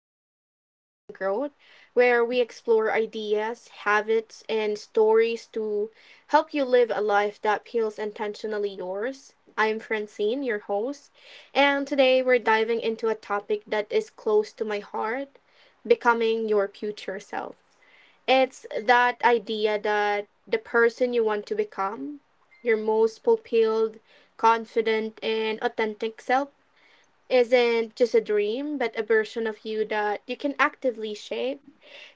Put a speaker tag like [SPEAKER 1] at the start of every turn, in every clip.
[SPEAKER 1] Reflections and Growth, where we explore ideas, habits, and stories to help you live a life that feels intentionally yours. I'm Francine, your host, and today we're diving into a topic that is close to my heart: becoming your future self. It's that idea that the person you want to become, your most fulfilled, confident, and authentic self, isn't just a dream, but a version of you that you can actively shape.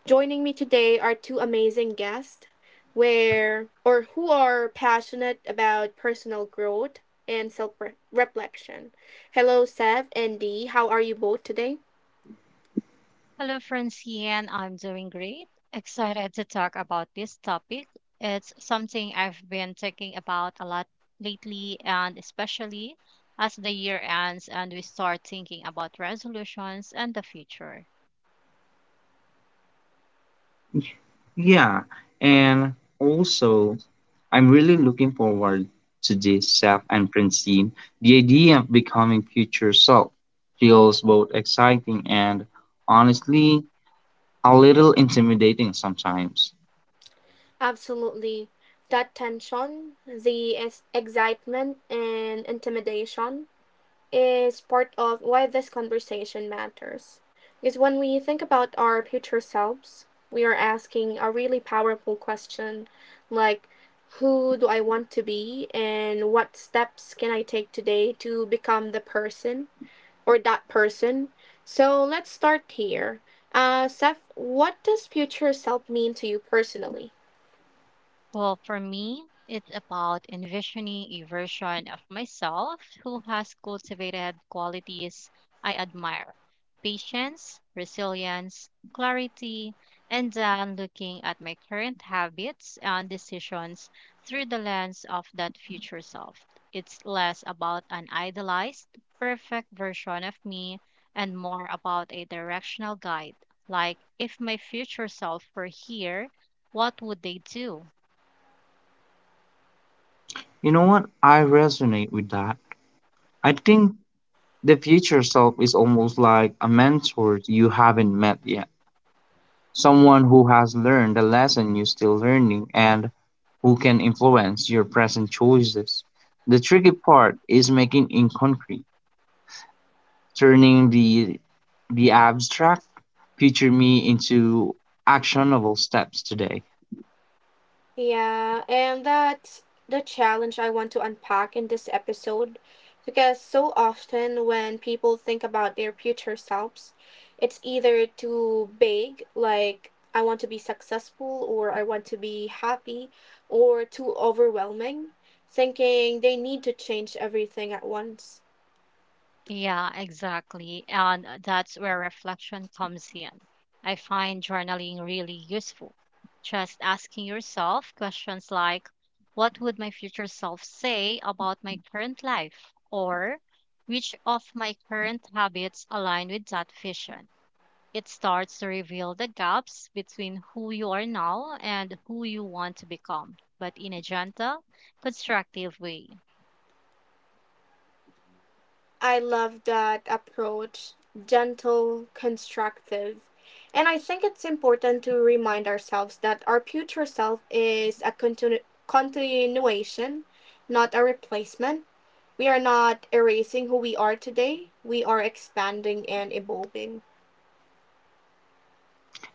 [SPEAKER 1] Joining me today are two amazing guests where or who are passionate about personal growth and self-reflection. Hello, Sev and Dee, how are you both today?
[SPEAKER 2] Hello, Francine. I'm doing great. Excited to talk about this topic. It's something I've been thinking about a lot lately, and especially as the year ends and we start thinking about resolutions and the future.
[SPEAKER 3] Yeah, and also I'm really looking forward to this, Seth and Francine. The idea of becoming future self feels both exciting and, honestly, a little intimidating sometimes.
[SPEAKER 1] Absolutely. That tension, the excitement and intimidation, is part of why this conversation matters. Because when we think about our future selves, we are asking a really powerful question, like, who do I want to be, and what steps can I take today to become the person or that person? So let's start here. Seth, what does future self mean to you personally?
[SPEAKER 2] Well, for me, it's about envisioning a version of myself who has cultivated qualities I admire patience, resilience, clarity, and then looking at my current habits and decisions through the lens of that future self. It's less about an idealized, perfect version of me and more about a directional guide. Like, if my future self were here, what would they do?
[SPEAKER 3] You know what? I resonate with that. I think the future self is almost like a mentor you haven't met yet, someone who has learned the lesson you're still learning and who can influence your present choices. The tricky part is making it concrete, turning the abstract future me into actionable steps today.
[SPEAKER 1] Yeah, and that's the challenge I want to unpack in this episode, because so often when people think about their future selves, it's either too big, like I want to be successful or I want to be happy, or too overwhelming, thinking they need to change everything at once.
[SPEAKER 2] Yeah, exactly. And that's where reflection comes in. I find journaling really useful. Just asking yourself questions like, what would my future self say about my current life? Or which of my current habits align with that vision? It starts to reveal the gaps between who you are now and who you want to become, but in a gentle, constructive way.
[SPEAKER 1] I love that approach, gentle, constructive. And I think it's important to remind ourselves that our future self is a continuation, not a replacement. We are not erasing who we are today, we are expanding and evolving.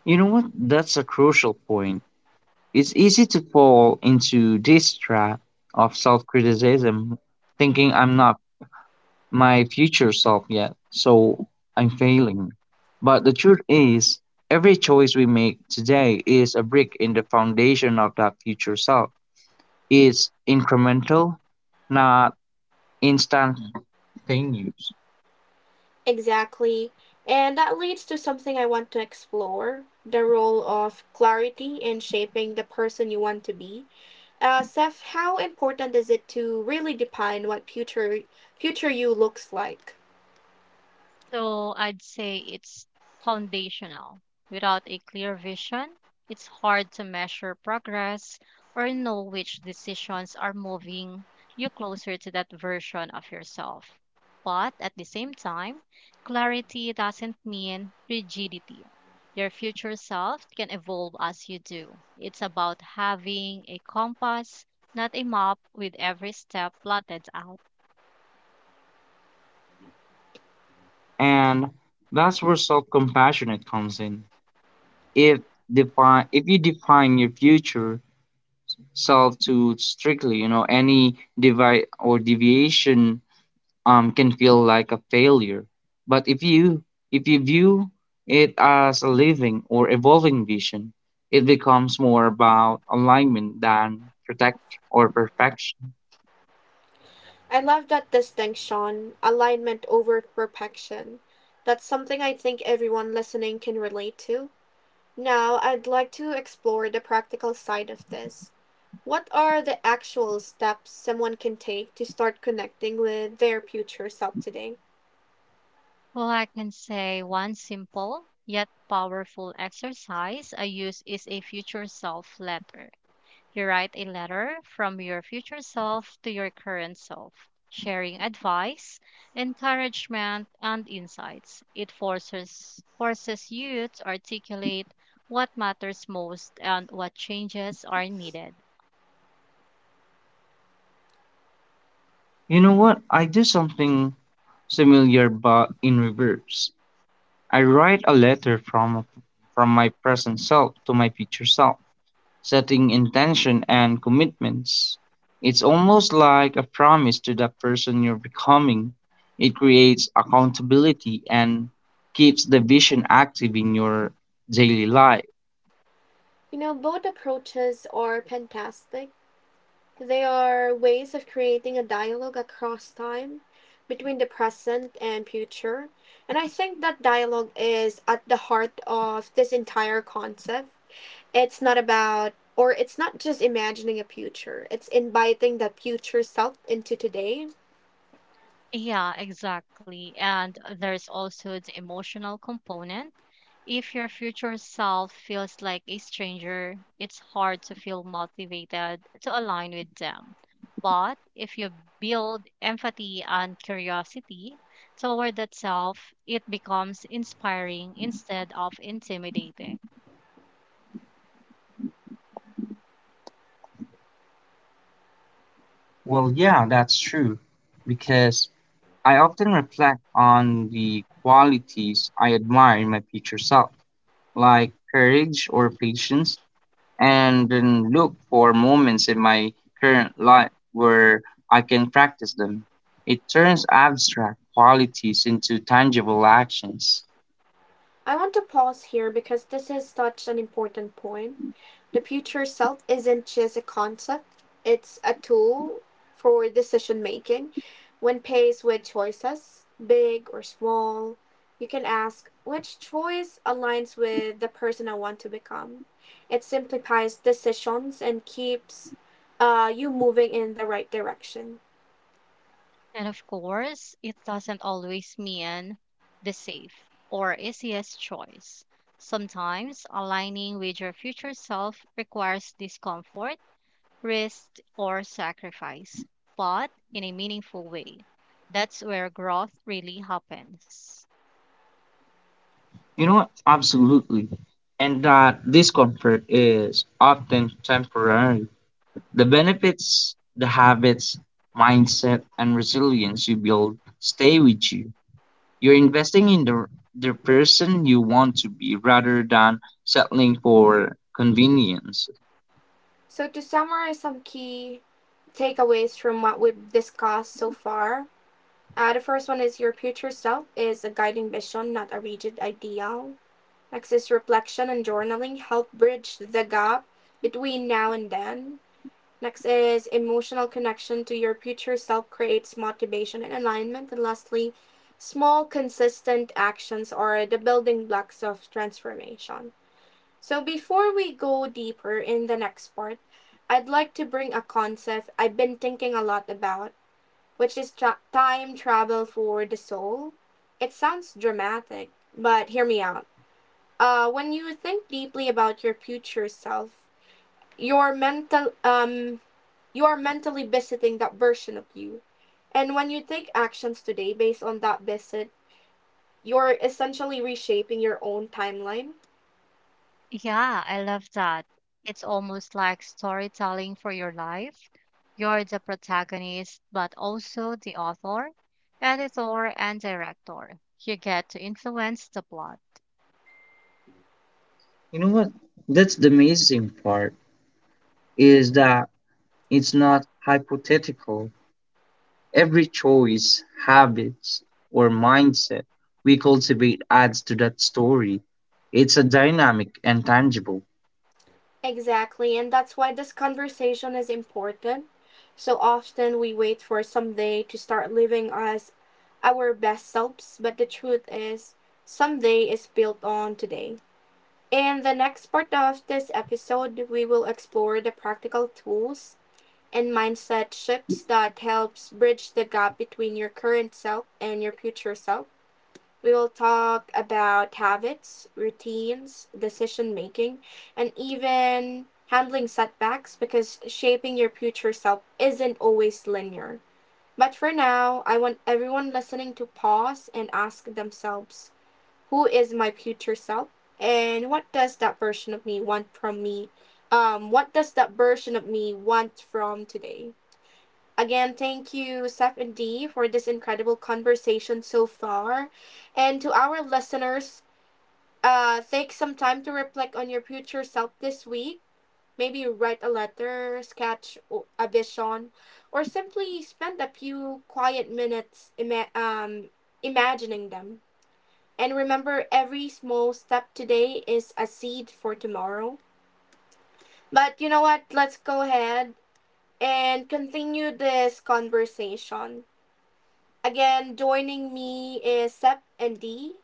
[SPEAKER 3] You know what? That's a crucial point. It's easy to fall into this trap of self-criticism, thinking I'm not my future self yet, so I'm failing. But the truth is, every choice we make today is a brick in the foundation of that future self. Is incremental, not instantaneous.
[SPEAKER 1] Exactly. And that leads to something I want to explore: the role of clarity in shaping the person you want to be. Seth, how important is it to really define what future you looks like?
[SPEAKER 2] So I'd say it's foundational. Without a clear vision, it's hard to measure progress or know which decisions are moving you closer to that version of yourself. But at the same time, clarity doesn't mean rigidity. Your future self can evolve as you do. It's about having a compass, not a map with every step plotted out.
[SPEAKER 3] And that's where self-compassionate comes in. If if you define your future self too strictly, you know, any devi- or deviation can feel like a failure. But if you view it as a living or evolving vision, it becomes more about alignment than protect or perfection.
[SPEAKER 1] I love that distinction, alignment over perfection. That's something I think everyone listening can relate to. Now, I'd like to explore the practical side of this. What are the actual steps someone can take to start connecting with their future self today?
[SPEAKER 2] Well, I can say one simple yet powerful exercise I use is a future self letter. You write a letter from your future self to your current self, sharing advice, encouragement, and insights. It forces you to articulate what matters most and what changes are needed.
[SPEAKER 3] You know what? I do something similar but in reverse. I write a letter from my present self to my future self, setting intention and commitments. It's almost like a promise to the person you're becoming. It creates accountability and keeps the vision active in your daily life.
[SPEAKER 1] You know, both approaches are fantastic. They are ways of creating a dialogue across time, between the present and future. And I think that dialogue is at the heart of this entire concept. It's not just imagining a future, it's inviting that future self into today.
[SPEAKER 2] Yeah, exactly. And there's also the emotional component. If your future self feels like a stranger, it's hard to feel motivated to align with them. But if you build empathy and curiosity toward that self, it becomes inspiring instead of intimidating.
[SPEAKER 3] Well, yeah, that's true, because I often reflect on the qualities I admire in my future self, like courage or patience, and then look for moments in my current life where I can practice them. It turns abstract qualities into tangible actions.
[SPEAKER 1] I want to pause here because this is such an important point. The future self isn't just a concept, it's a tool for decision making. When faced with choices, big or small, you can ask which choice aligns with the person I want to become. It simplifies decisions and keeps you moving in the right direction.
[SPEAKER 2] And of course, it doesn't always mean the safe or easiest choice. Sometimes aligning with your future self requires discomfort, risk, or sacrifice, but in a meaningful way. That's where growth really happens.
[SPEAKER 3] You know what? Absolutely. And that discomfort is often temporary. The benefits, the habits, mindset, and resilience you build stay with you. You're investing in the person you want to be rather than settling for convenience.
[SPEAKER 1] So, to summarize some key takeaways from what we've discussed so far, the first one is your future self is a guiding vision, not a rigid ideal. Next is reflection and journaling help bridge the gap between now and then. Next is emotional connection to your future self creates motivation and alignment. And lastly, small consistent actions are the building blocks of transformation. So before we go deeper in the next part, I'd like to bring a concept I've been thinking a lot about, which is time travel for the soul. It sounds dramatic, but hear me out. When you think deeply about your future self, you're mental um you are mentally visiting that version of you. And when you take actions today based on that visit, you're essentially reshaping your own timeline.
[SPEAKER 2] Yeah, I love that. It's almost like storytelling for your life. You're the protagonist, but also the author, editor, and director. You get to influence the plot.
[SPEAKER 3] You know what? That's the amazing part, is that it's not hypothetical. Every choice, habits, or mindset we cultivate adds to that story. It's a dynamic and tangible.
[SPEAKER 1] Exactly, and that's why this conversation is important. So often we wait for someday to start living as our best selves, but the truth is, someday is built on today. In the next part of this episode, we will explore the practical tools and mindset shifts that helps bridge the gap between your current self and your future self. We will talk about habits, routines, decision making, and even handling setbacks, because shaping your future self isn't always linear. But for now, I want everyone listening to pause and ask themselves, who is my future self and what does that version of me want from me what does that version of me want from today? Again, thank you, Seth and Dee, for this incredible conversation so far. And to our listeners, take some time to reflect on your future self this week. Maybe write a letter, sketch a vision, or simply spend a few quiet minutes imagining them. And remember, every small step today is a seed for tomorrow. But you know what? Let's go ahead and continue this conversation. Again, joining me is Sep and Dee.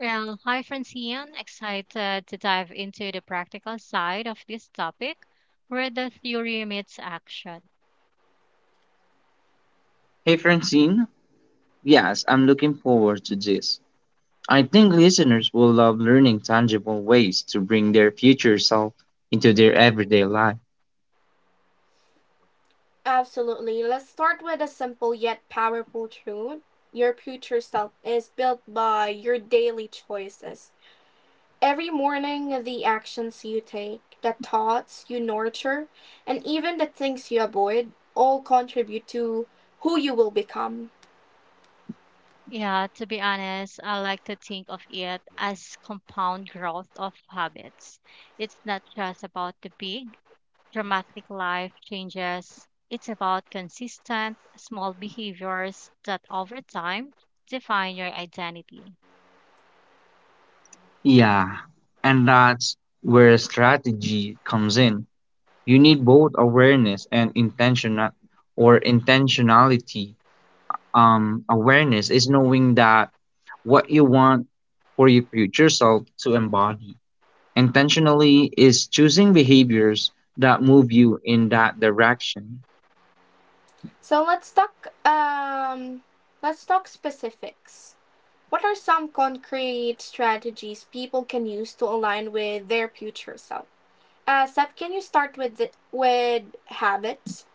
[SPEAKER 2] Well, hi, Francine. Excited to dive into the practical side of this topic where the theory meets action.
[SPEAKER 3] Hey, Francine. Yes, I'm looking forward to this. I think listeners will love learning tangible ways to bring their future self into their everyday life.
[SPEAKER 1] Absolutely. Let's start with a simple yet powerful truth. Your future self is built by your daily choices. Every morning, the actions you take, the thoughts you nurture, and even the things you avoid all contribute to who you will become.
[SPEAKER 2] Yeah, to be honest, I like to think of it as compound growth of habits. It's not just about the big dramatic life changes. It's about consistent, small behaviors that over time define your identity.
[SPEAKER 3] Yeah, and that's where strategy comes in. You need both awareness and intentionality Awareness is knowing that what you want for your future self to embody. Intentionally is choosing behaviors that move you in that direction.
[SPEAKER 1] So let's talk um let's talk specifics. What are some concrete strategies people can use to align with their future self? Seth, can you start with with habits?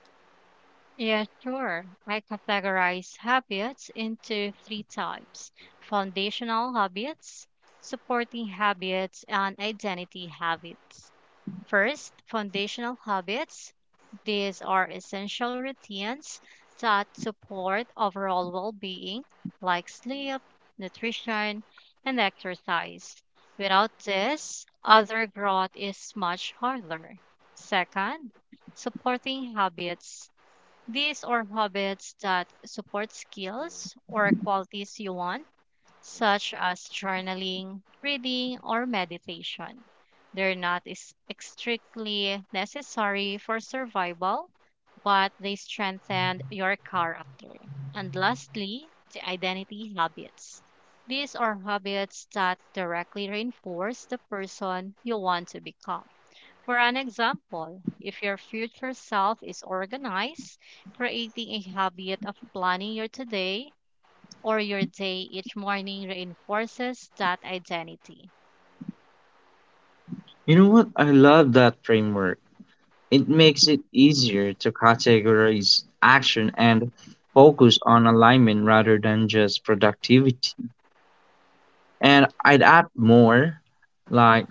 [SPEAKER 2] Yeah, sure. I categorize habits into three types foundational habits, supporting habits, and identity habits. First, foundational habits. These are essential routines that support overall well being, like sleep, nutrition, and exercise. Without this, other growth is much harder. Second, supporting habits. These are habits that support skills or qualities you want such as journaling, reading, or meditation. They're not is- strictly necessary for survival, but they strengthen your character. And lastly, the identity habits. These are habits that directly reinforce the person you want to become. For an example, if your future self is organized, creating a habit of planning your today or your day each morning reinforces that identity.
[SPEAKER 3] You know what? I love that framework. It makes it easier to categorize action and focus on alignment rather than just productivity. And I'd add more, like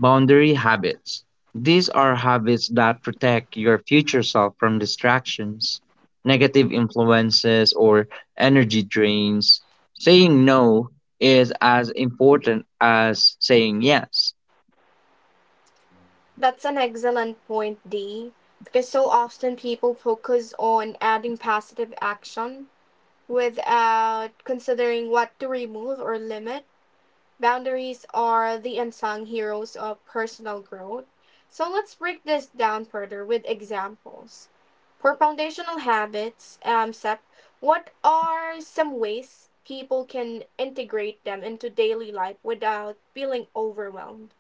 [SPEAKER 3] boundary habits. These are habits that protect your future self from distractions, negative influences, or energy drains. Saying no is as important as saying yes.
[SPEAKER 1] That's an excellent point, Dee. Because so often people focus on adding positive action without considering what to remove or limit. Boundaries are the unsung heroes of personal growth. So let's break this down further with examples. For foundational habits, Sep, what are some ways people can integrate them into daily life without feeling overwhelmed?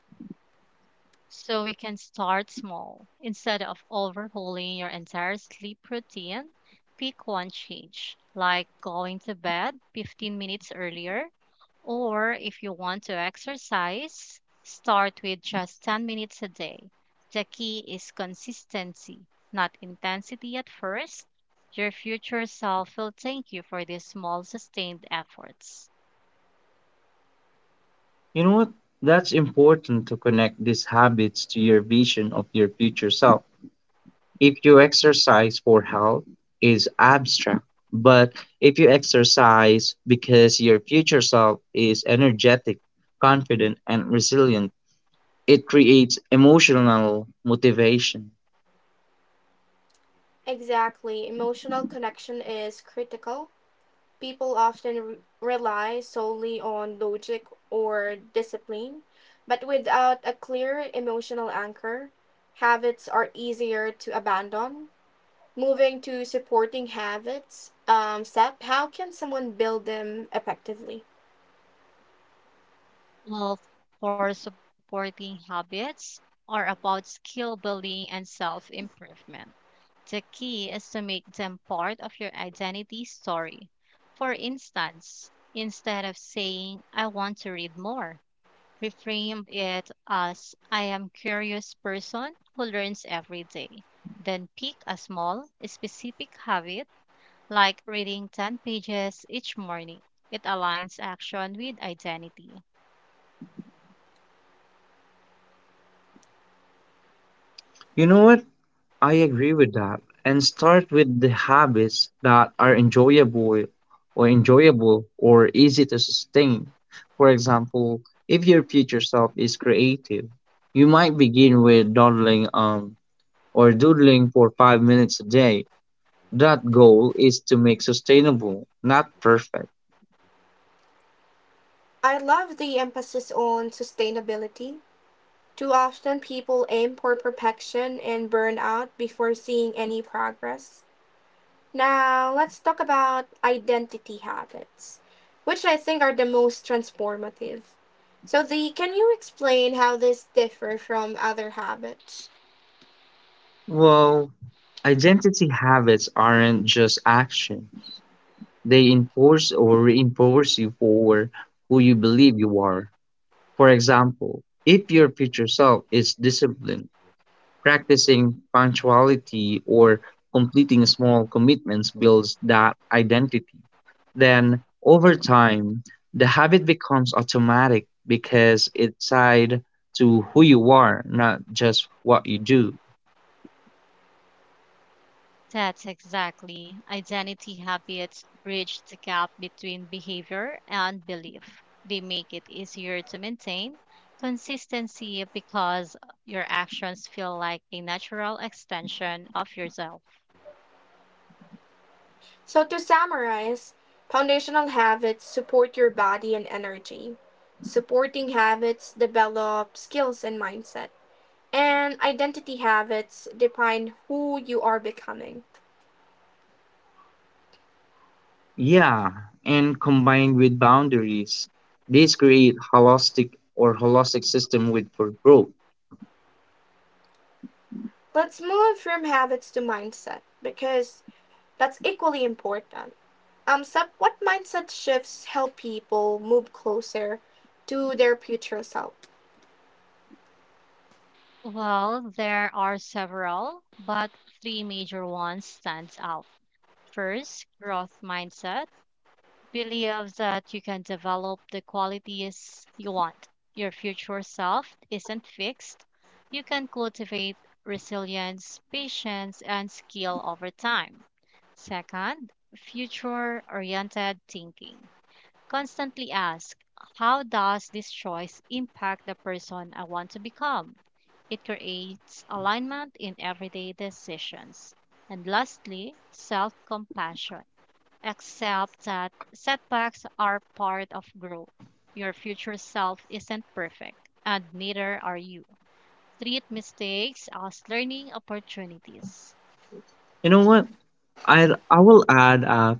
[SPEAKER 2] So we can start small. Instead of overhauling your entire sleep routine, pick one change, like going to bed 15 minutes earlier, or if you want to exercise, start with just 10 minutes a day. The key is consistency, not intensity at first. Your future self will thank you for these small, sustained efforts.
[SPEAKER 3] You know what? That's important, to connect these habits to your vision of your future self. If you exercise for health is abstract, but if you exercise because your future self is energetic, confident, and resilient, it creates emotional motivation.
[SPEAKER 1] Exactly. Emotional connection is critical. People often rely solely on logic or discipline, but without a clear emotional anchor, habits are easier to abandon. Moving to supporting habits, step, how can someone build them effectively?
[SPEAKER 2] Well, for supporting habits are about skill building and self improvement. The key is to make them part of your identity story. For instance, instead of saying, I want to read more, reframe it as, I am curious person who learns every day. Then pick a small, specific habit like reading 10 pages each morning. It aligns action with identity.
[SPEAKER 3] You know what? I agree with that. And start with the habits that are enjoyable or easy to sustain. For example, if your future self is creative, you might begin with dawdling or doodling for 5 minutes a day. That goal is to make sustainable, not perfect.
[SPEAKER 1] I love the emphasis on sustainability. Too often, people aim for perfection and burn out before seeing any progress. Now, let's talk about identity habits, which I think are the most transformative. So, the can you explain how these differ from other habits?
[SPEAKER 3] Well, identity habits aren't just actions, they enforce or reinforce you for who you believe you are. For example, if your future self is disciplined, practicing punctuality or completing small commitments builds that identity. Then, over time, the habit becomes automatic because it's tied to who you are, not just what you do.
[SPEAKER 2] That's exactly. Identity habits bridge the gap between behavior and belief. They make it easier to maintain consistency because your actions feel like a natural extension of yourself.
[SPEAKER 1] So, to summarize, foundational habits support your body and energy. Supporting habits develop skills and mindset. And identity habits define who you are becoming.
[SPEAKER 3] Yeah, and combined with boundaries, these create holistic system with for growth.
[SPEAKER 1] Let's move from habits to mindset, because that's equally important. Sep, what mindset shifts help people move closer to their future self?
[SPEAKER 2] Well, there are several, but three major ones stand out. First, growth mindset. Believes that you can develop the qualities you want. Your future self isn't fixed. You can cultivate resilience, patience, and skill over time. Second, future oriented thinking. Constantly ask, how does this choice impact the person I want to become? It creates alignment in everyday decisions. And lastly, self compassion. Accept that setbacks are part of growth. Your future self isn't perfect, and neither are you. Treat mistakes as learning opportunities.
[SPEAKER 3] You know what? I will add,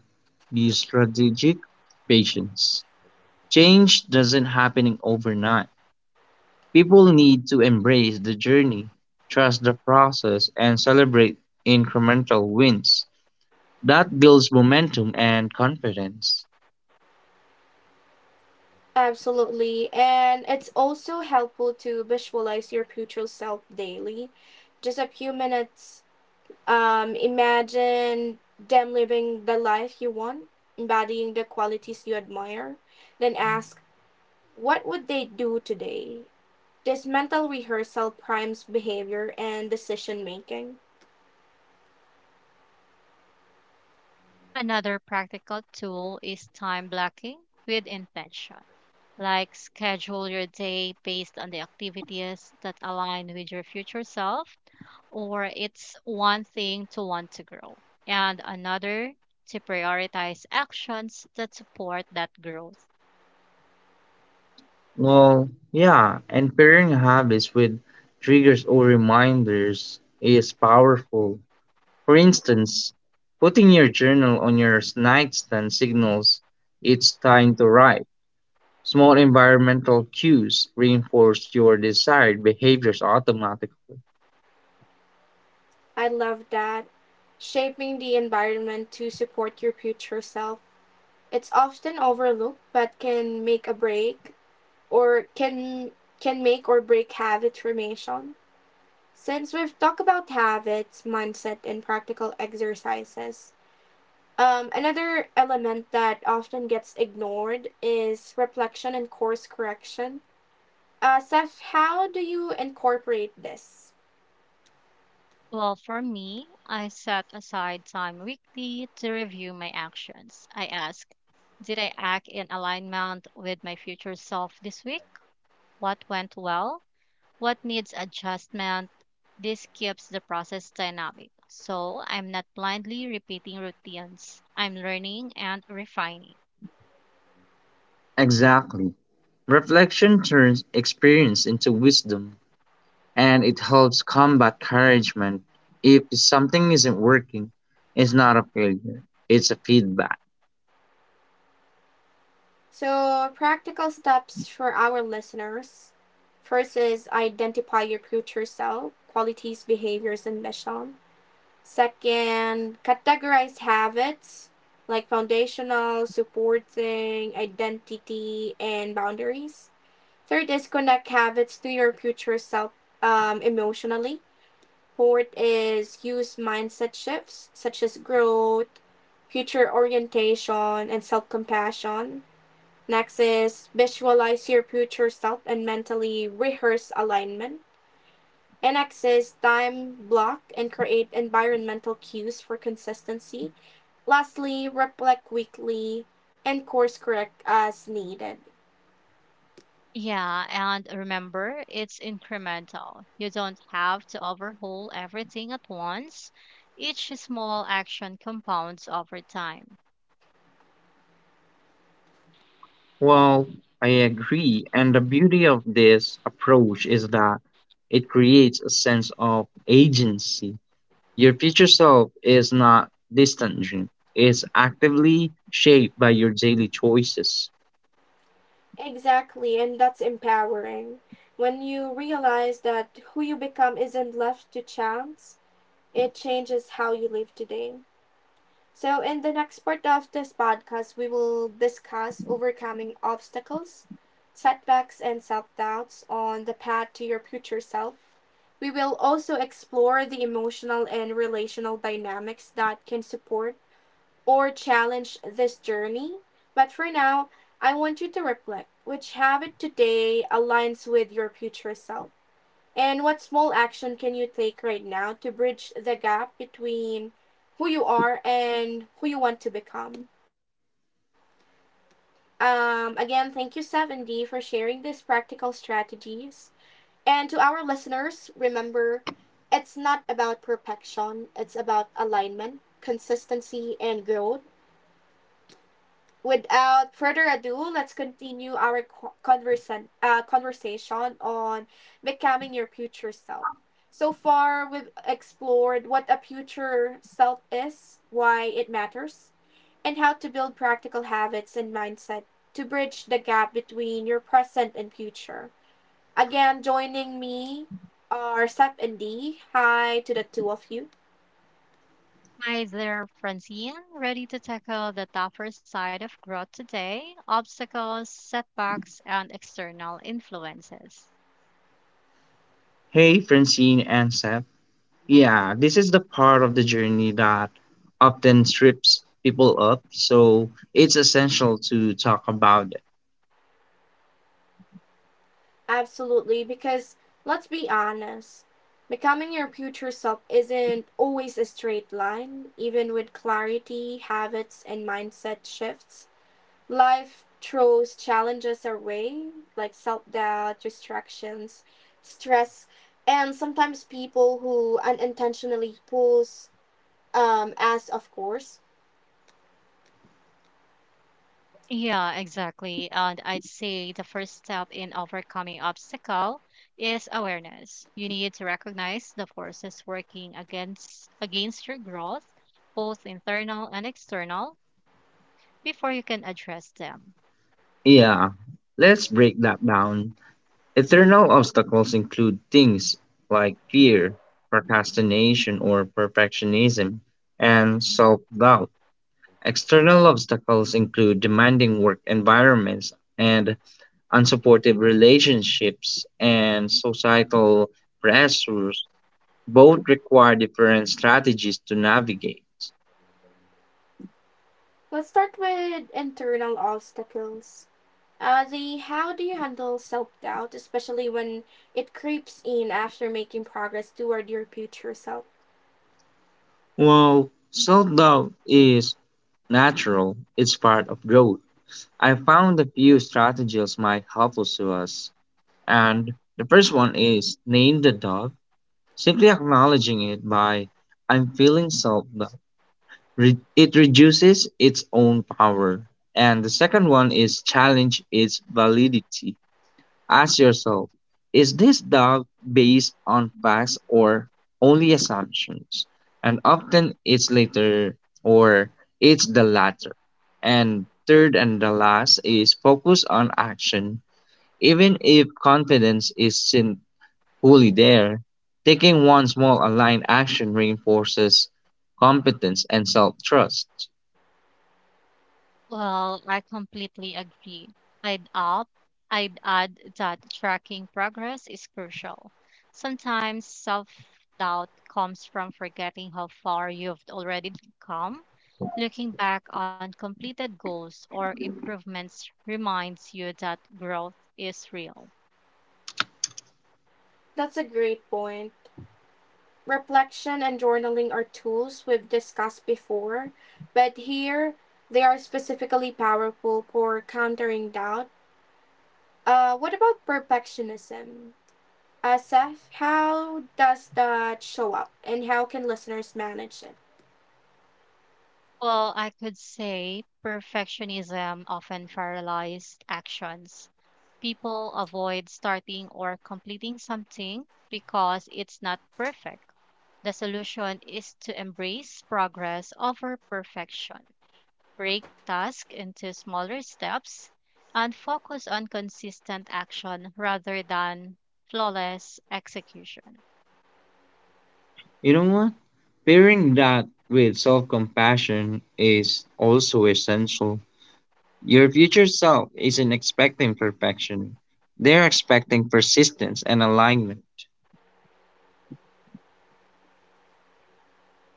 [SPEAKER 3] be strategic, patience. Change doesn't happen overnight. People need to embrace the journey, trust the process, and celebrate incremental wins. That builds momentum and confidence.
[SPEAKER 1] Absolutely. And it's also helpful to visualize your future self daily. Just a few minutes. Imagine them living the life you want, embodying the qualities you admire. Then ask, what would they do today? This mental rehearsal primes behavior and decision making.
[SPEAKER 2] Another practical tool is time blocking with intention. Like schedule your day based on the activities that align with your future self, or it's one thing to want to grow, and another to prioritize actions that support that growth.
[SPEAKER 3] Well, yeah, and pairing habits with triggers or reminders is powerful. For instance, putting your journal on your nightstand signals it's time to write. Small environmental cues reinforce your desired behaviors automatically.
[SPEAKER 1] I love that. Shaping the environment to support your future self. It's often overlooked, but can make a break or can make or break habit formation. Since we've talked about habits, mindset and practical exercises, another element that often gets ignored is reflection and course correction. Seth, how do you incorporate this?
[SPEAKER 2] Well, for me, I set aside time weekly to review my actions. I ask, did I act in alignment with my future self this week? What went well? What needs adjustment? This keeps the process dynamic. So I'm not blindly repeating routines. I'm learning and refining.
[SPEAKER 3] Exactly. Reflection turns experience into wisdom, and it helps combat discouragement. If something isn't working, it's not a failure, it's a feedback.
[SPEAKER 1] So, practical steps for our listeners. First is identify your future self, qualities, behaviors, and mission. Second, categorize habits like foundational, supporting, identity, and boundaries. Third is connect habits to your future self emotionally. Fourth is use mindset shifts such as growth, future orientation, and self compassion. Next is visualize your future self and mentally rehearse alignment. And next is time block and create environmental cues for consistency. Lastly, reflect weekly and course correct as needed.
[SPEAKER 2] Yeah, and remember, it's incremental. You don't have to overhaul everything at once. Each small action compounds over time.
[SPEAKER 3] Well, I agree. And the beauty of this approach is that it creates a sense of agency. Your future self is not distant dream. It's actively shaped by your daily choices.
[SPEAKER 1] Exactly, and that's empowering. When you realize that who you become isn't left to chance, it changes how you live today. So, in the next part of this podcast, we will discuss overcoming obstacles, setbacks, and self doubts on the path to your future self. We will also explore the emotional and relational dynamics that can support or challenge this journey. But for now, I want you to reflect: which habit today aligns with your future self? And what small action can you take right now to bridge the gap between who you are and who you want to become? Again, thank you, 7D, for sharing these practical strategies. And to our listeners, remember, it's not about perfection, it's about alignment, consistency, and growth. Without further ado, let's continue our conversation on becoming your future self. So far, we've explored what a future self is, why it matters, and how to build practical habits and mindset to bridge the gap between your present and future. Again, joining me are Seth and Dee. Hi to the two of you.
[SPEAKER 2] Hi there, Francine. Ready to tackle the tougher side of growth today? Obstacles, setbacks, and external influences.
[SPEAKER 3] Hey, Francine and Seth. Yeah, this is the part of the journey that often trips people up, so it's essential to talk about it.
[SPEAKER 1] Absolutely, because let's be honest, becoming your future self isn't always a straight line, even with clarity, habits, and mindset shifts. Life throws challenges our way, like self doubt, distractions, stress, and sometimes people who unintentionally pulls as of course.
[SPEAKER 2] Yeah, exactly. And I'd say the first step in overcoming obstacle is awareness. You need to recognize the forces working against your growth, both internal and external, before you can address them.
[SPEAKER 3] Yeah, let's break that down. Eternal obstacles include things like fear, procrastination or perfectionism, and self doubt. External obstacles include demanding work environments and unsupportive relationships and societal pressures. Both require different strategies to navigate.
[SPEAKER 1] Let's start with internal obstacles. The how do you handle self doubt, especially when it creeps in after making progress toward your future self?
[SPEAKER 3] While self doubt is natural, it's part of growth. I found a few strategies might help us to us. And the first one is name the doubt, simply acknowledging it by I'm feeling self doubt. It reduces its own power. And the second one is challenge its validity. Ask yourself, is this doubt based on facts or only assumptions? And often it's later, or it's the latter. And third and the last is focus on action. Even if confidence isn't fully there, taking one small aligned action reinforces competence and self trust.
[SPEAKER 2] Well, I completely agree. I'd add, I'd add that tracking progress is crucial. Sometimes self-doubt comes from forgetting how far you've already come. Looking back on completed goals or improvements reminds you that growth is real.
[SPEAKER 1] That's a great point. Reflection and journaling are tools we've discussed before, but here they are specifically powerful for countering doubt. What about perfectionism? Seth, how does that show up and how can listeners manage it?
[SPEAKER 2] Well, I could say perfectionism often paralyzes actions. People avoid starting or completing something because it's not perfect. The solution is to embrace progress over perfection. Break tasks into smaller steps and focus on consistent action rather than flawless execution.
[SPEAKER 3] You know what? Pairing that with self compassion is also essential. Your future self isn't expecting perfection, they're expecting persistence and alignment.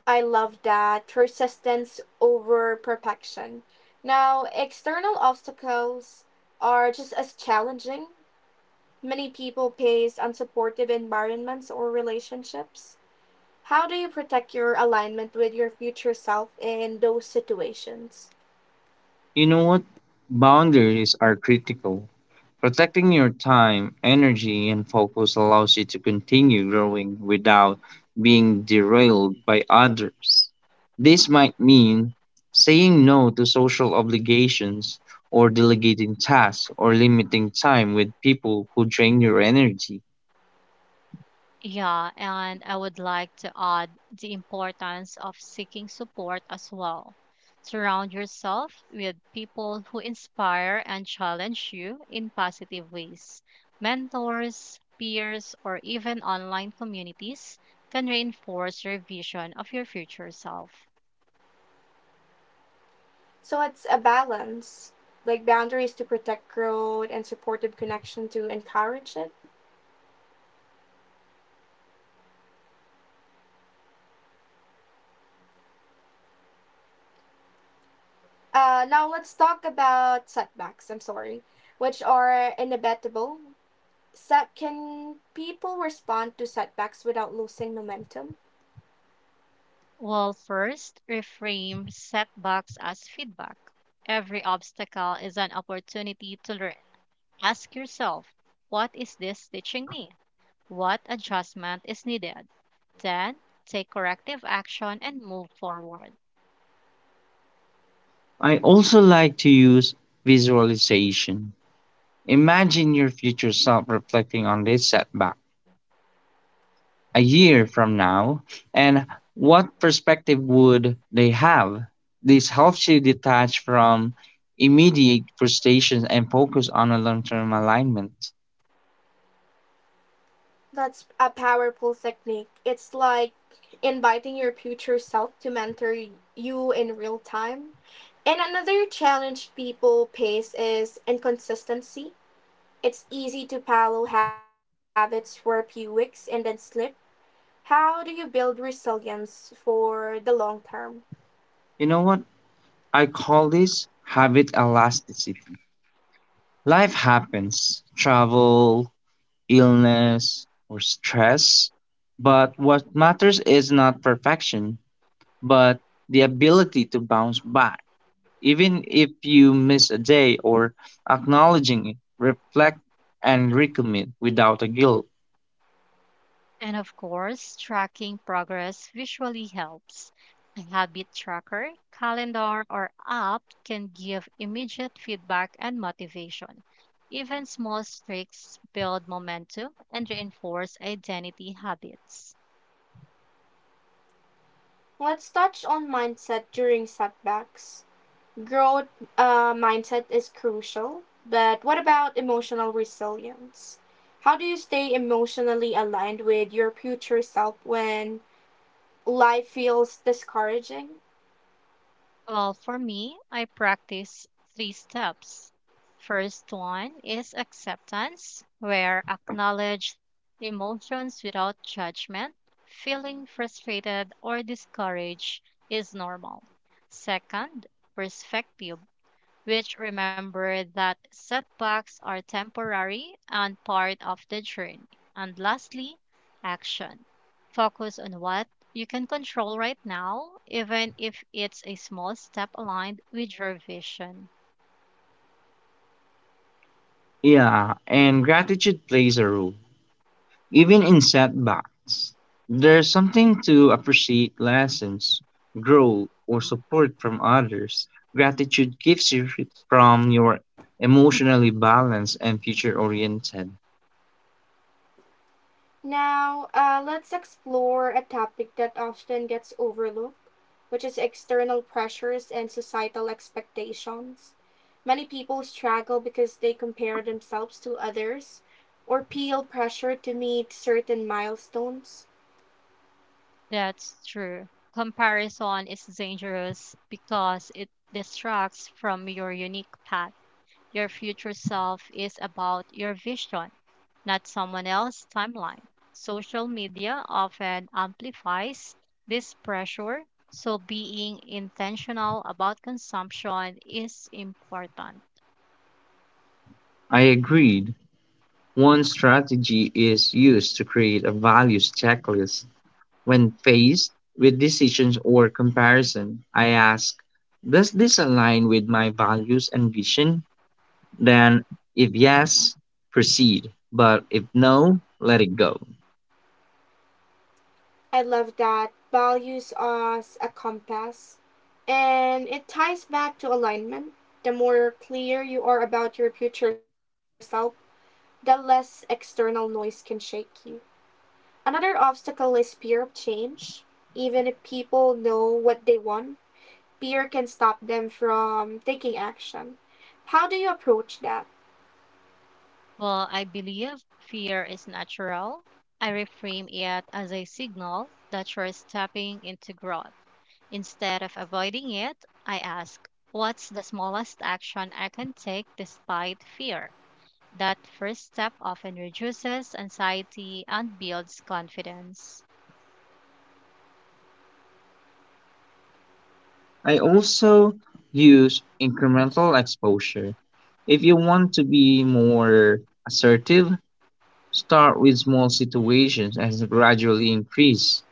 [SPEAKER 1] I love that, persistence over perfection. Now, external obstacles are just as challenging. Many people face unsupportive environments or relationships. How do you protect your alignment with your future self in those situations?
[SPEAKER 3] You know what? Boundaries are critical. Protecting your time, energy, and focus allows you to continue growing without being derailed by others. This might mean saying no to social obligations, or delegating tasks, or limiting time with people who drain your energy.
[SPEAKER 2] Yeah, and I would like to add the importance of seeking support as well. Surround yourself with people who inspire and challenge you in positive ways. Mentors, peers, or even online communities can reinforce your vision of your future self.
[SPEAKER 1] So it's a balance, like boundaries to protect growth and supportive connection to encourage it. Now let's talk about setbacks. I'm sorry, which are inevitable. So can people respond to setbacks without losing momentum?
[SPEAKER 2] Well, first, reframe setbacks as feedback. Every obstacle is an opportunity to learn. Ask yourself, what is this teaching me? What adjustment is needed? Then take corrective action and move forward.
[SPEAKER 3] I also like to use visualization. Imagine your future self reflecting on this setback a year from now, and what perspective would they have. This helps you detach from immediate frustrations and focus on a long-term alignment.
[SPEAKER 1] That's a powerful technique. It's like inviting your future self to mentor you in real time. And another challenge people face is inconsistency. It's easy to follow habits for a few weeks and then slip. How do you build resilience for the long term?
[SPEAKER 3] You know what? I call this habit elasticity. Life happens, travel, illness, or stress, but what matters is not perfection, but the ability to bounce back. Even if you miss a day, or acknowledging it, reflect and recommit without a guilt.
[SPEAKER 2] And of course, tracking progress visually helps. A habit tracker, calendar, or app can give immediate feedback and motivation. Even small streaks build momentum and reinforce identity habits.
[SPEAKER 1] Let's touch on mindset during setbacks. Growth mindset is crucial. But what about emotional resilience? How do you stay emotionally aligned with your future self when life feels discouraging?
[SPEAKER 2] Well, for me, I practice three steps. First one is acceptance, where acknowledge emotions without judgment. Feeling frustrated or discouraged is normal. Second, perspective, which remember that setbacks are temporary and part of the journey. And lastly, action. Focus on what you can control right now, even if it's a small step aligned with your vision.
[SPEAKER 3] Yeah, and gratitude plays a role. Even in setbacks, there's something to appreciate, lessons, growth, or support from others. Gratitude keeps you from your emotionally balanced and future oriented.
[SPEAKER 1] Now, let's explore a topic that often gets overlooked, which is external pressures and societal expectations. Many people struggle because they compare themselves to others or feel pressure to meet certain milestones.
[SPEAKER 2] That's true. Comparison is dangerous because it distracts from your unique path. Your future self is about your vision, not someone else's timeline. Social media often amplifies this pressure, so being intentional about consumption is important.
[SPEAKER 3] I agreed. One strategy is used to create a values checklist. When faced with decisions or comparison, I ask, does this align with my values and vision? Then, if yes, proceed. But if no, let it go.
[SPEAKER 1] I love that, values as a compass, and it ties back to alignment. The more clear you are about your future self, the less external noise can shake you. Another obstacle is fear of change. Even if people know what they want, fear can stop them from taking action. How do you approach that?
[SPEAKER 2] Well, I believe fear is natural. I reframe it as a signal that you're stepping into growth. Instead of avoiding it, I ask, what's the smallest action I can take despite fear? That first step often reduces anxiety and builds confidence.
[SPEAKER 3] I also use incremental exposure. If you want to be more assertive, start with small situations and gradually increase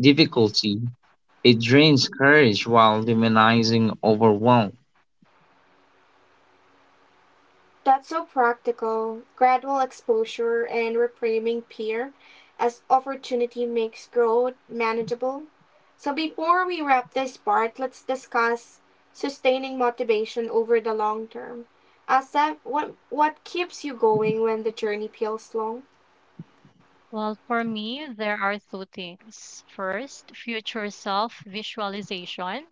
[SPEAKER 3] difficulty. It drains courage while demonizing overwhelm.
[SPEAKER 1] That's so practical. Gradual exposure and reframing peer as opportunity makes growth manageable. So, before we wrap this part, let's discuss sustaining motivation over the long term. Asaf, what keeps you going when the journey feels long?
[SPEAKER 2] Well, for me, there are two things. First, future self visualization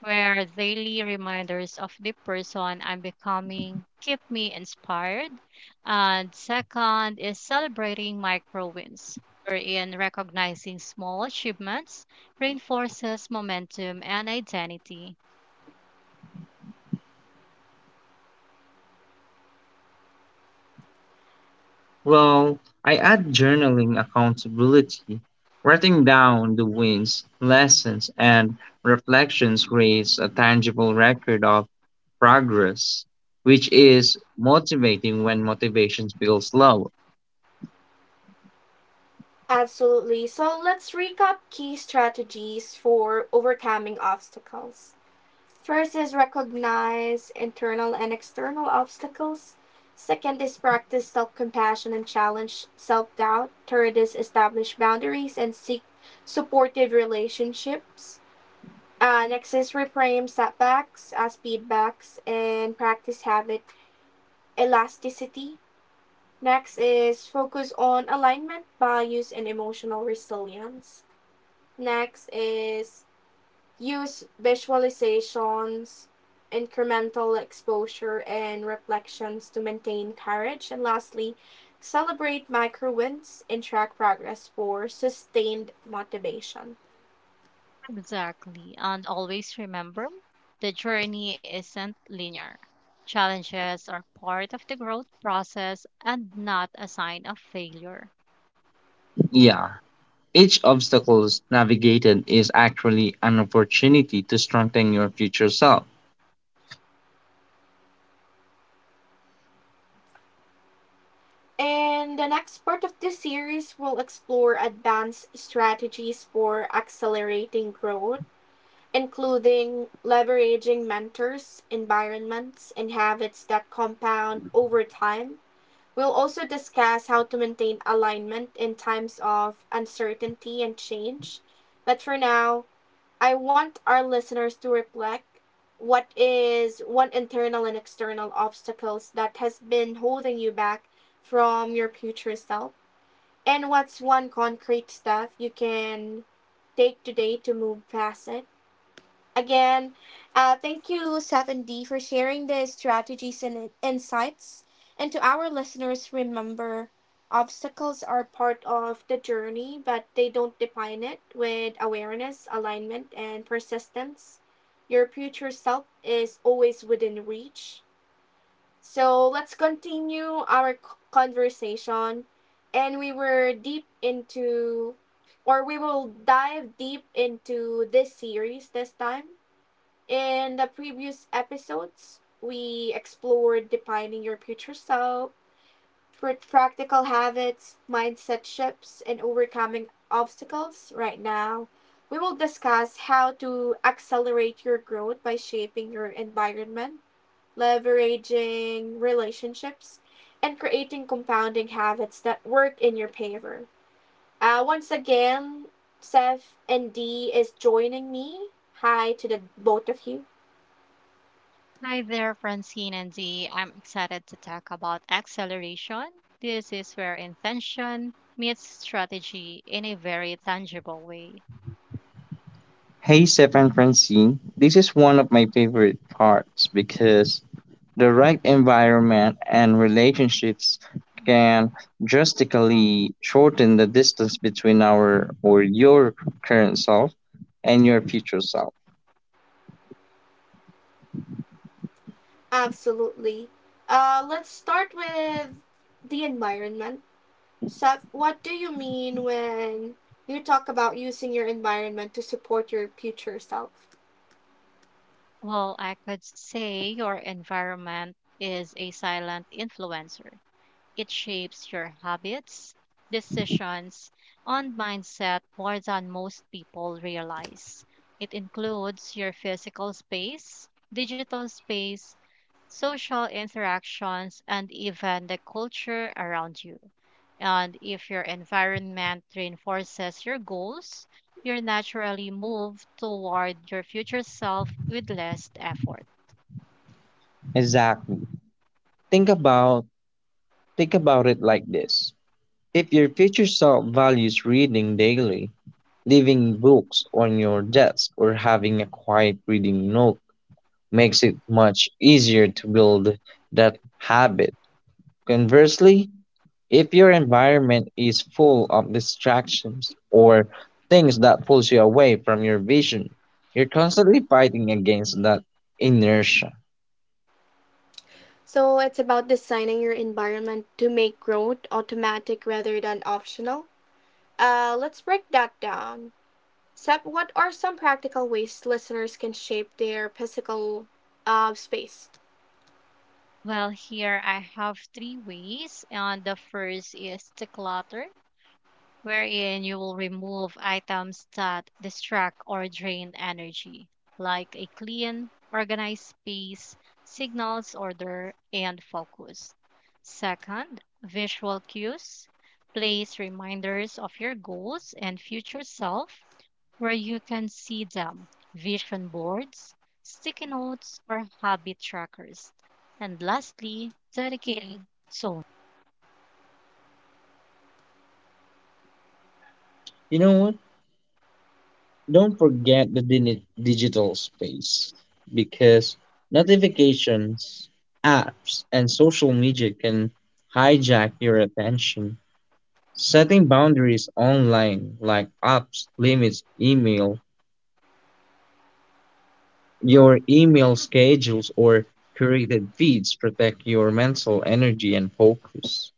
[SPEAKER 2] where daily reminders of the person I'm becoming keep me inspired. And second is celebrating micro wins, wherein recognizing small achievements reinforces momentum and identity.
[SPEAKER 3] Well, I add journaling accountability. Writing down the wins, lessons, and reflections creates a tangible record of progress, which is motivating when motivation feels low.
[SPEAKER 1] Absolutely. So, let's recap key strategies for overcoming obstacles. First is recognize internal and external obstacles. Second is practice self compassion and challenge self doubt. Third is establish boundaries and seek supportive relationships. Next is reframe setbacks as feedbacks and practice habit elasticity. Next is focus on alignment, values, and emotional resilience. Next is use visualizations, incremental exposure, and reflections to maintain courage. And lastly, celebrate micro wins and track progress for sustained motivation.
[SPEAKER 2] Exactly. And always remember the journey isn't linear. Challenges are part of the growth process and not a sign of failure.
[SPEAKER 3] Yeah, each obstacle navigated is actually an opportunity to strengthen your future self.
[SPEAKER 1] In the next part of this series, we will explore advanced strategies for accelerating growth, including leveraging mentors, environments, and habits that compound over time. We'll also discuss how to maintain alignment in times of uncertainty and change. But for now, I want our listeners to reflect, what is one internal and external obstacles that has been holding you back from your future self, and what's one concrete step you can take today to move past it? Again, thank you, 7D, for sharing the strategies and insights. And to our listeners, remember, obstacles are part of the journey, but they don't define it. With awareness, alignment, and persistence, your future self is always within reach. So let's continue our conversation. And we were deep into, or we will dive deep into this series this time. In the previous episodes, we explored defining your future self, practical habits, mindset shifts, and overcoming obstacles. Right now, we will discuss how to accelerate your growth by shaping your environment, leveraging relationships, and creating compounding habits that work in your favor. Once again, Seth and Dee is joining me. Hi to the both of you.
[SPEAKER 2] Hi there, Francine and Dee. I'm excited to talk about acceleration. This is where intention meets strategy in a very tangible way.
[SPEAKER 3] Hey, Seth and Francine, this is one of my favorite parts because the right environment and relationships can drastically shorten the distance between our or your current self and your future self.
[SPEAKER 1] Absolutely. Let's start with the environment. Seth, what do you mean when you talk about using your environment to support your future self?
[SPEAKER 2] Well, I could say your environment is a silent influencer. It shapes your habits, decisions, and mindset more than most people realize. It includes your physical space, digital space, social interactions, and even the culture around you. And if your environment reinforces your goals, you naturally move toward your future self with less effort.
[SPEAKER 3] Exactly. Think about think about it like this. If your future self values reading daily, leaving books on your desk or having a quiet reading nook makes it much easier to build that habit. Conversely, if your environment is full of distractions or things that pulls you away from your vision, you're constantly fighting against that inertia.
[SPEAKER 1] So it's about designing your environment to make growth automatic rather than optional. Let's break that down. Seth, what are some practical ways listeners can shape their physical space?
[SPEAKER 2] Well, here I have three ways, and the first is declutter, wherein you will remove items that distract or drain energy, like a clean, organized space, signals order, and focus. Second, visual cues, place reminders of your goals and future self where you can see them vision boards, sticky notes, or habit trackers. And lastly, dedicated zone.
[SPEAKER 3] You know what? Don't forget the digital space, because notifications, apps, and social media can hijack your attention. Setting boundaries online, like apps, limits, email, your email schedules, or curated feeds protect your mental energy and focus.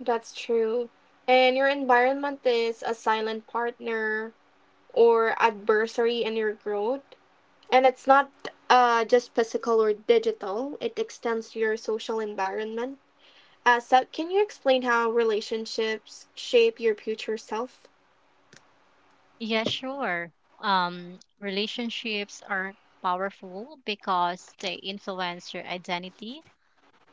[SPEAKER 1] That's true. And your environment is a silent partner or adversary in your growth. And it's not just physical or digital, it extends to your social environment. So, can you explain how relationships shape your future self?
[SPEAKER 2] Yeah, sure. Relationships are powerful because they influence your identity,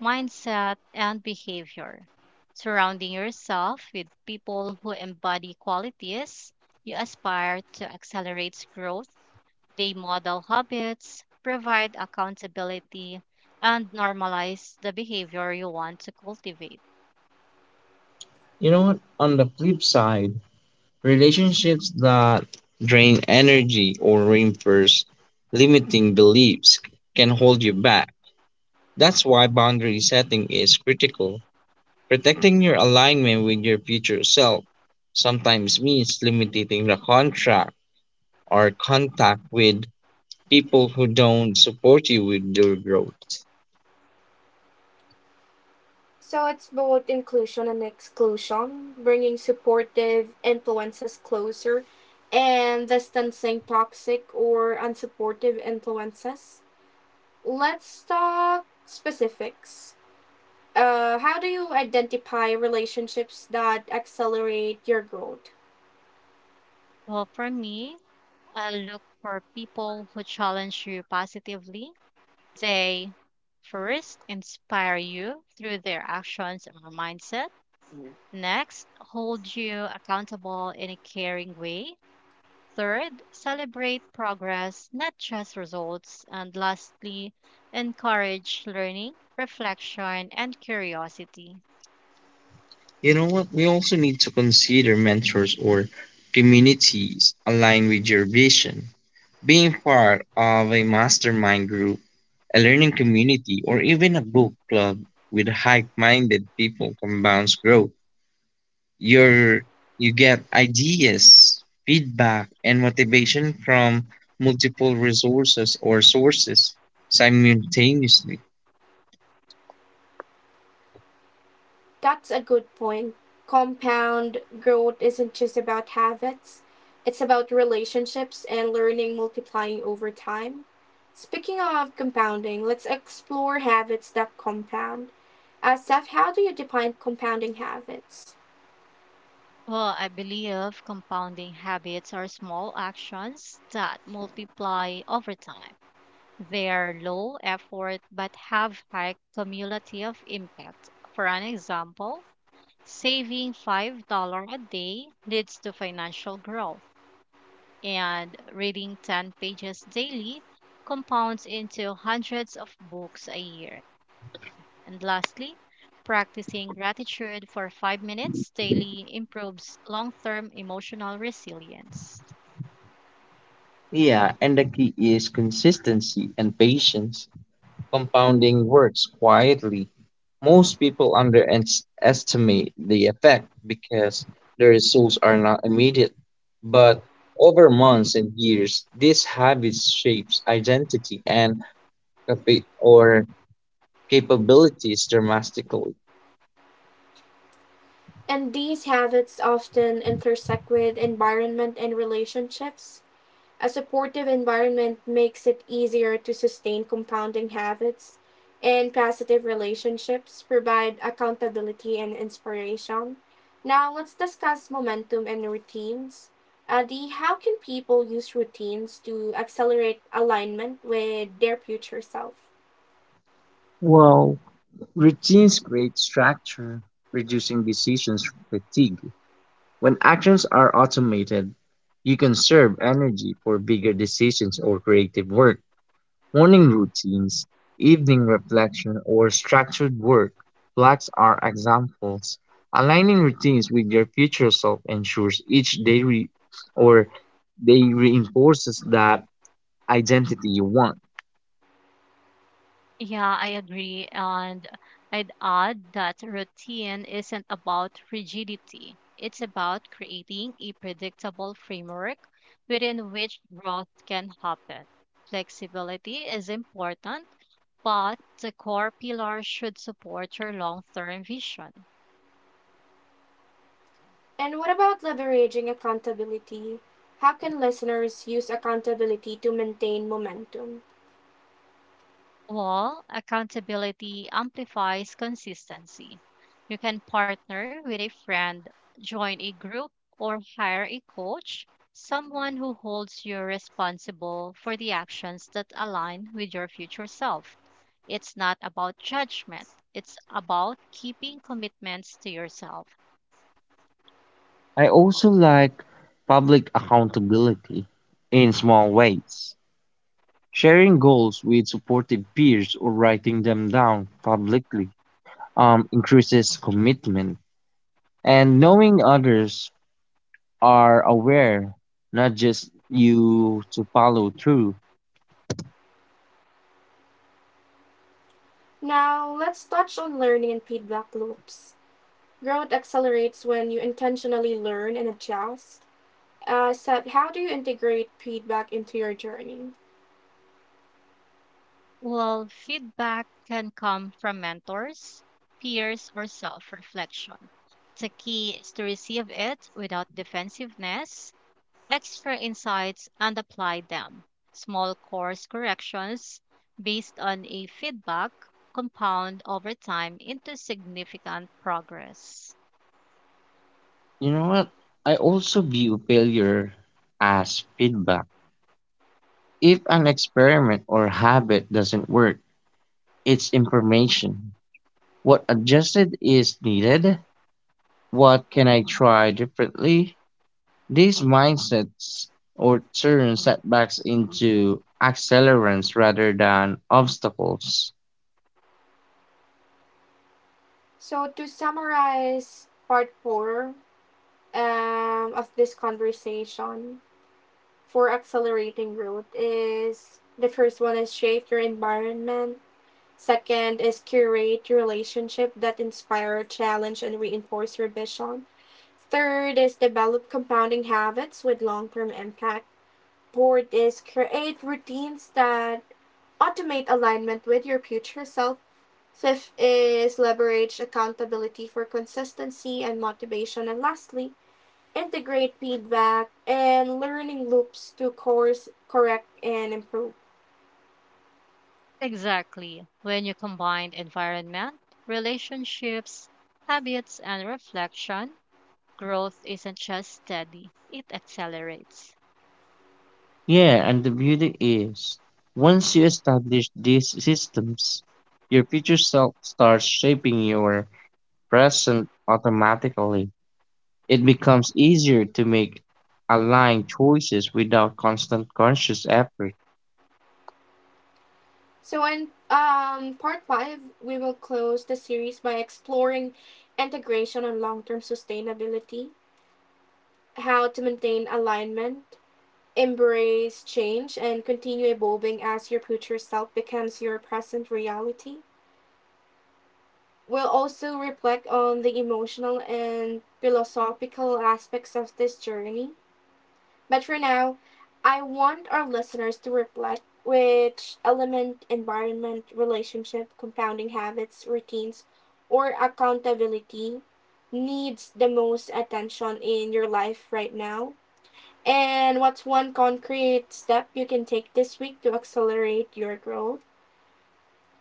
[SPEAKER 2] mindset, and behavior. Surrounding yourself with people who embody qualities you aspire to accelerates growth. They model habits, provide accountability, and normalize the behavior you want to cultivate.
[SPEAKER 3] You know what? On the flip side, relationships that drain energy or reinforce limiting beliefs can hold you back. That's why boundary setting is critical. Protecting your alignment with your future self sometimes means limiting the contract or contact with people who don't support you with your growth.
[SPEAKER 1] So, it's both inclusion and exclusion, bringing supportive influences closer and distancing toxic or unsupportive influences. Let's talk specifics. How do you identify relationships that accelerate your growth?
[SPEAKER 2] Well, for me, I look for people who challenge you positively. They first inspire you through their actions or mindset. Next, hold you accountable in a caring way. Third, celebrate progress, not just results. And lastly, encourage learning, reflection, and curiosity.
[SPEAKER 3] You know what? We also need to consider mentors or communities aligned with your vision. Being part of a mastermind group, a learning community, or even a book club with like minded people compounds growth. Your, you get ideas, feedback, and motivation from multiple resources or sources simultaneously.
[SPEAKER 1] That's a good point. Compound growth isn't just about habits, it's about relationships and learning multiplying over time. Speaking of compounding, let's explore habits that compound. Asaf, how do you define compounding habits?
[SPEAKER 2] Well, I believe compounding habits are small actions that multiply over time. They are low effort but have high cumulative impact. For an example, saving $5 a day leads to financial growth and reading 10 pages daily compounds into hundreds of books a year. And lastly, practicing gratitude for 5 minutes daily improves long term emotional resilience.
[SPEAKER 3] Yeah, and the key is consistency and patience. Compounding works quietly. Most people underestimate the effect because the results are not immediate. But over months and years, this habit shapes identity and capa- or capabilities dramatically.
[SPEAKER 1] And these habits often intersect with environment and relationships. A supportive environment makes it easier to sustain compounding habits, and positive relationships provide accountability and inspiration. Now, let's discuss momentum and routines. Adi, how can people use routines to accelerate alignment with their future self?
[SPEAKER 3] Well, routines create structure, reducing decisions fatigue. When actions are automated, you conserve energy for bigger decisions or creative work. Morning routines, evening reflection, or structured work blocks are examples. Aligning routines with your future self ensures each day re- or day reinforces that identity you want.
[SPEAKER 2] Yeah, I agree. And I'd add that routine isn't about rigidity, it's about creating a predictable framework within which growth can happen. Flexibility is important, but the core pillars should support your long term vision.
[SPEAKER 1] And what about leveraging accountability? How can listeners use accountability to maintain momentum?
[SPEAKER 2] Well, accountability amplifies consistency. You can partner with a friend, join a group, or hire a coach, someone who holds you responsible for the actions that align with your future self. It's not about judgment, it's about keeping commitments to yourself.
[SPEAKER 3] I also like public accountability in small ways. Sharing goals with supportive peers or writing them down publicly increases commitment. And knowing others are aware, not just you, to follow through.
[SPEAKER 1] Now, let's touch on learning and feedback loops. Growth accelerates when you intentionally learn and adjust. Seth, how do you integrate feedback into your journey?
[SPEAKER 2] Well, feedback can come from mentors, peers, or self reflection. The key is to receive it without defensiveness, extra insights, and apply them. Small course corrections based on a feedback compound over time into significant progress.
[SPEAKER 3] You know what? I also view failure as feedback. If an experiment or habit doesn't work, it's information. What adjusted is needed? What can I try differently? These mindsets or turn setbacks into accelerants rather than obstacles.
[SPEAKER 1] So, to summarize part four of this conversation for accelerating growth, is the first one is shape your environment. Second is curate your relationship that inspire, challenge, and reinforce your vision. Third is develop compounding habits with long term impact. Board is create routines that automate alignment with your future self. Fifth is leverage accountability for consistency and motivation. And lastly, integrate feedback and learning loops to course correct and improve.
[SPEAKER 2] Exactly. When you combine environment, relationships, habits, and reflection, growth isn't just steady, it accelerates.
[SPEAKER 3] Yeah, and the beauty is, once you establish these systems, your future self starts shaping your present automatically. It becomes easier to make aligned choices without constant conscious effort.
[SPEAKER 1] So in part five, we will close the series by exploring integration and long-term sustainability, how to maintain alignment, embrace change, and continue evolving as your future self becomes your present reality. We'll also reflect on the emotional and philosophical aspects of this journey. But for now, I want our listeners to reflect, which element, environment, relationship, compounding habits, routines, or accountability needs the most attention in your life right now, and what's one concrete step you can take this week to accelerate your growth?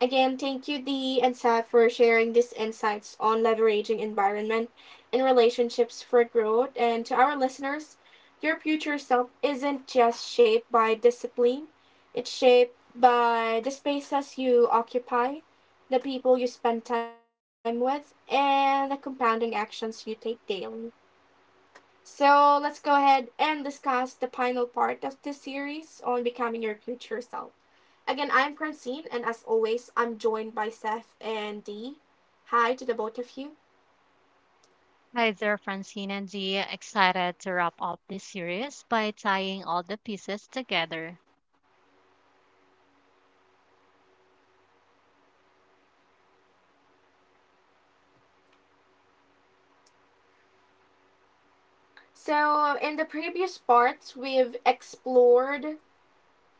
[SPEAKER 1] Again, thank you, Dee and Saf, for sharing these insights on leveraging environment and relationships for growth. And to our listeners, your future self isn't just shaped by discipline, it's shaped by the spaces you occupy, the people you spend time with, and the compounding actions you take daily. So let's go ahead and discuss the final part of this series on becoming your future self. Again, I'm Francine, and as always, I'm joined by Seth and Dee. Hi to the both of you.
[SPEAKER 2] Hi there, Francine and Zia. Excited to wrap up this series by tying all the pieces together.
[SPEAKER 1] So, in the previous parts, we've explored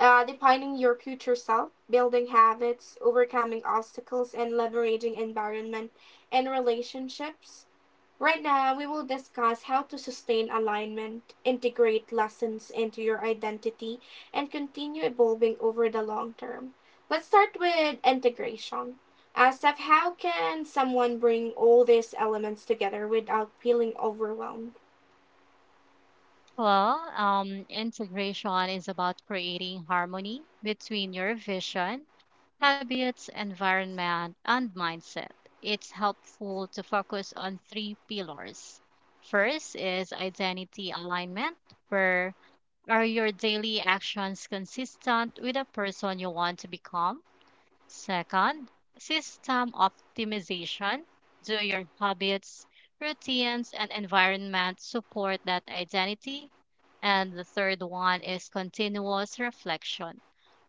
[SPEAKER 1] defining your future self, building habits, overcoming obstacles, and leveraging environment and relationships. Right now, we will discuss how to sustain alignment, integrate lessons into your identity, and continue evolving over the long term. Let's start with integration. Steph, how can someone bring all these elements together without feeling overwhelmed?
[SPEAKER 2] Well, integration is about creating harmony between your vision, habits, environment, and mindset. It's helpful to focus on three pillars. First is identity alignment, where are your daily actions consistent with the person you want to become? Second, system optimization. Do your habits, routines, and environment support that identity? And the third one is continuous reflection.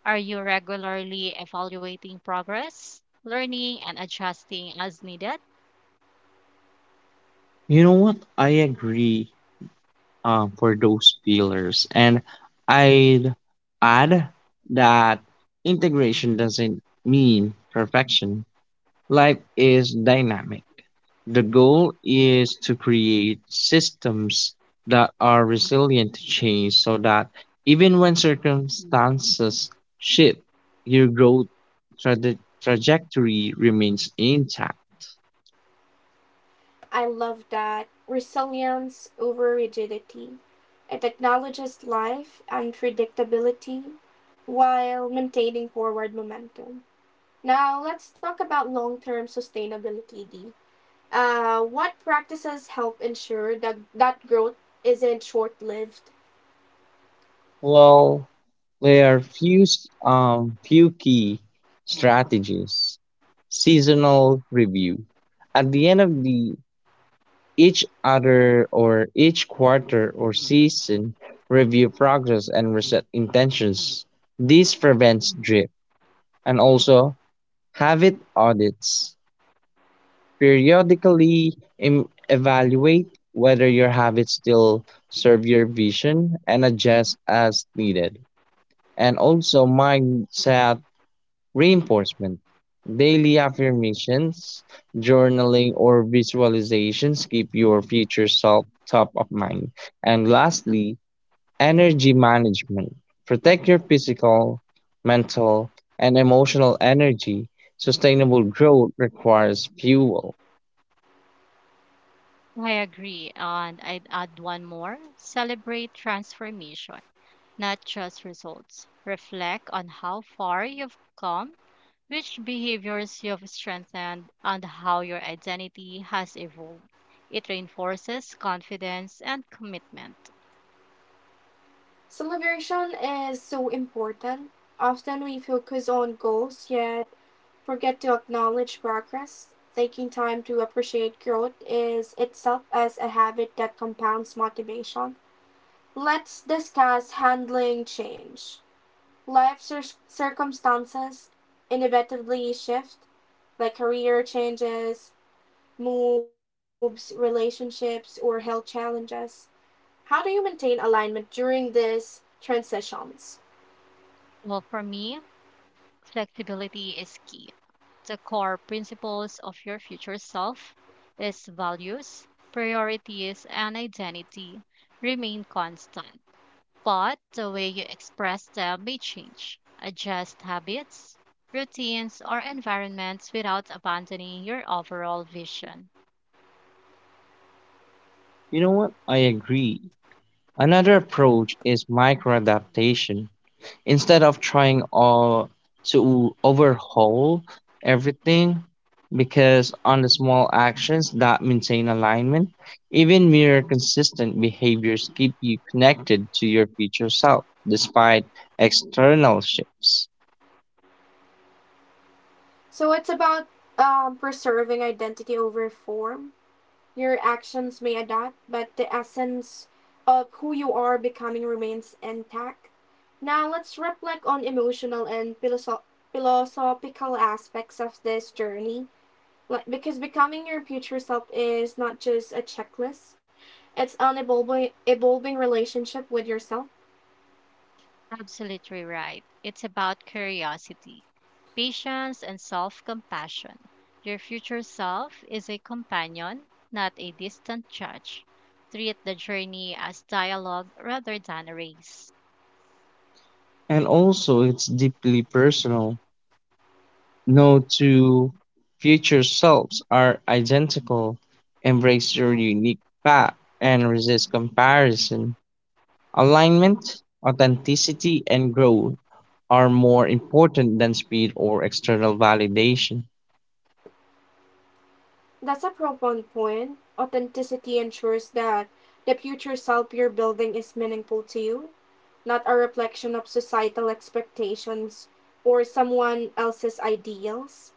[SPEAKER 2] Are you regularly evaluating progress, learning, and adjusting as needed?
[SPEAKER 3] You know what? I agree, for those pillars, and I'd add that integration doesn't mean perfection. Life is dynamic. The goal is to create systems that are resilient to change so that even when circumstances shift, your growth trajectory remains intact.
[SPEAKER 1] I love that. Resilience over rigidity. It acknowledges life and predictability while maintaining forward momentum. Now, let's talk about long term sustainability, Dee. What practices help ensure that growth isn't short lived?
[SPEAKER 3] Well, there are few key strategies. Seasonal review. At the end of the each quarter or season, review progress and reset intentions. This prevents drift. And also have it audits. Periodically evaluate whether your habits still serve your vision and adjust as needed. And also mindset reinforcement. Daily affirmations, journaling, or visualizations keep your future self top of mind. And lastly, energy management. Protect your physical, mental, and emotional energy. Sustainable growth requires fuel.
[SPEAKER 2] I agree. And I'd add one more celebrate transformation, not just results. Reflect on how far you've come, which behaviors you've strengthened, and how your identity has evolved. It reinforces confidence and commitment.
[SPEAKER 1] Celebration is so important. Often we focus on goals, yet forget to acknowledge progress. Taking time to appreciate growth is itself as a habit that compounds motivation. Let's discuss handling change. Life circumstances inevitably shift, like career changes, moves, relationships, or health challenges. How do you maintain alignment during these transitions?
[SPEAKER 2] Well, for me, flexibility is key. The core principles of your future self is values, priorities, and identity remain constant but the way you express them may change. Adjust habits, routines, or environments without abandoning your overall vision.
[SPEAKER 3] You know what? I agree. Another approach is micro adaptation, instead of trying all to overhaul everything, because on the small actions that maintain alignment, even mere consistent behaviors keep you connected to your future self despite external shifts.
[SPEAKER 1] So it's about preserving identity over form. Your actions may adapt, but the essence of who you are becoming remains intact. Now let's reflect on emotional and philosophical aspects of this journey. Like, because becoming your future self is not just a checklist; it's an evolving relationship with yourself.
[SPEAKER 2] Absolutely right. It's about curiosity, patience, and self compassion. Your future self is a companion, not a distant judge. Treat the journey as dialogue rather than a race.
[SPEAKER 3] And also, it's deeply personal. No two future selves are identical. Embrace your unique path and resist comparison. Alignment, authenticity, and growth are more important than speed or external validation.
[SPEAKER 1] That's a profound point. Authenticity ensures that the future self you're building is meaningful to you, not a reflection of societal expectations or someone else's ideals.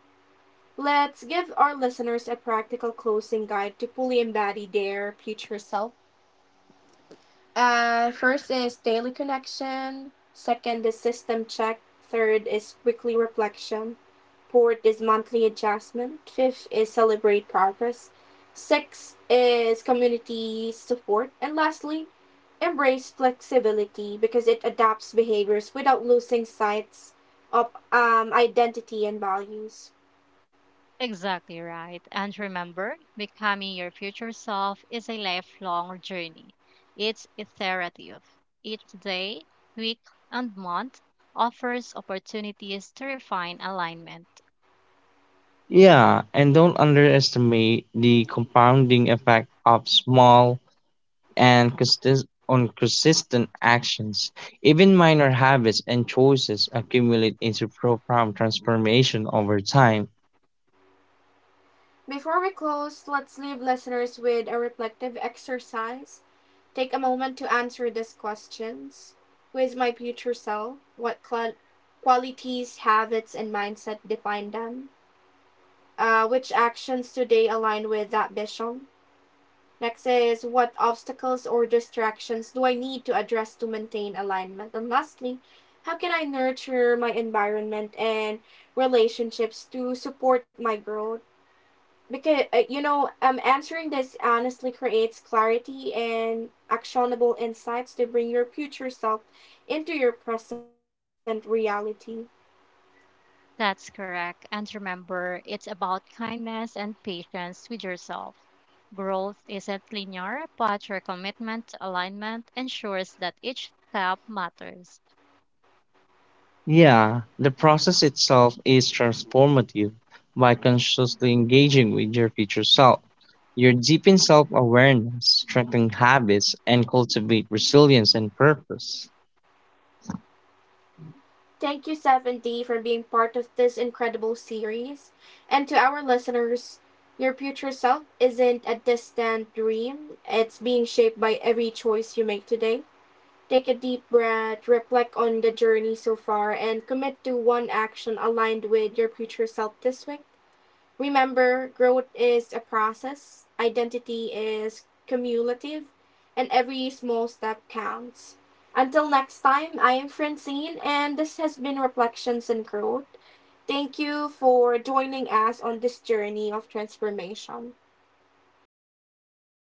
[SPEAKER 1] Let's give our listeners a practical closing guide to fully embody their future self. First is daily connection. Second is system check. Third is weekly reflection. Fourth is monthly adjustment. Fifth is celebrate progress. Sixth is community support. And lastly, embrace flexibility because it adapts behaviors without losing sight of identity and values.
[SPEAKER 2] Exactly right. And remember, becoming your future self is a lifelong journey. It's iterative. Each day, week, and month offers opportunities to refine alignment.
[SPEAKER 3] Yeah, and don't underestimate the compounding effect of small and consist- on consistent actions. Even minor habits and choices accumulate into profound transformation over time.
[SPEAKER 1] Before we close, let's leave listeners with a reflective exercise. Take a moment to answer these questions. Who is my future self? What qualities, habits, and mindset define them? Which actions today align with that vision? Next is, what obstacles or distractions do I need to address to maintain alignment? And lastly, how can I nurture my environment and relationships to support my growth? Because answering this honestly creates clarity and actionable insights to bring your future self into your present reality.
[SPEAKER 2] That's correct. And remember, it's about kindness and patience with yourself. Growth isn't linear, but your commitment to alignment ensures that each step matters.
[SPEAKER 3] Yeah, the process itself is transformative. By consciously engaging with your future self, you deepen self awareness, strengthen habits, and cultivate resilience and purpose.
[SPEAKER 1] Thank you, 7D, for being part of this incredible series, and to our listeners, your future self isn't a distant dream, it's being shaped by every choice you make today. Take a deep breath, reflect on the journey so far, and commit to one action aligned with your future self this week. Remember, growth is a process, identity is cumulative, and every small step counts. Until next time, I am Francine, and this has been Reflections in Growth. Thank you for joining us on this journey of transformation.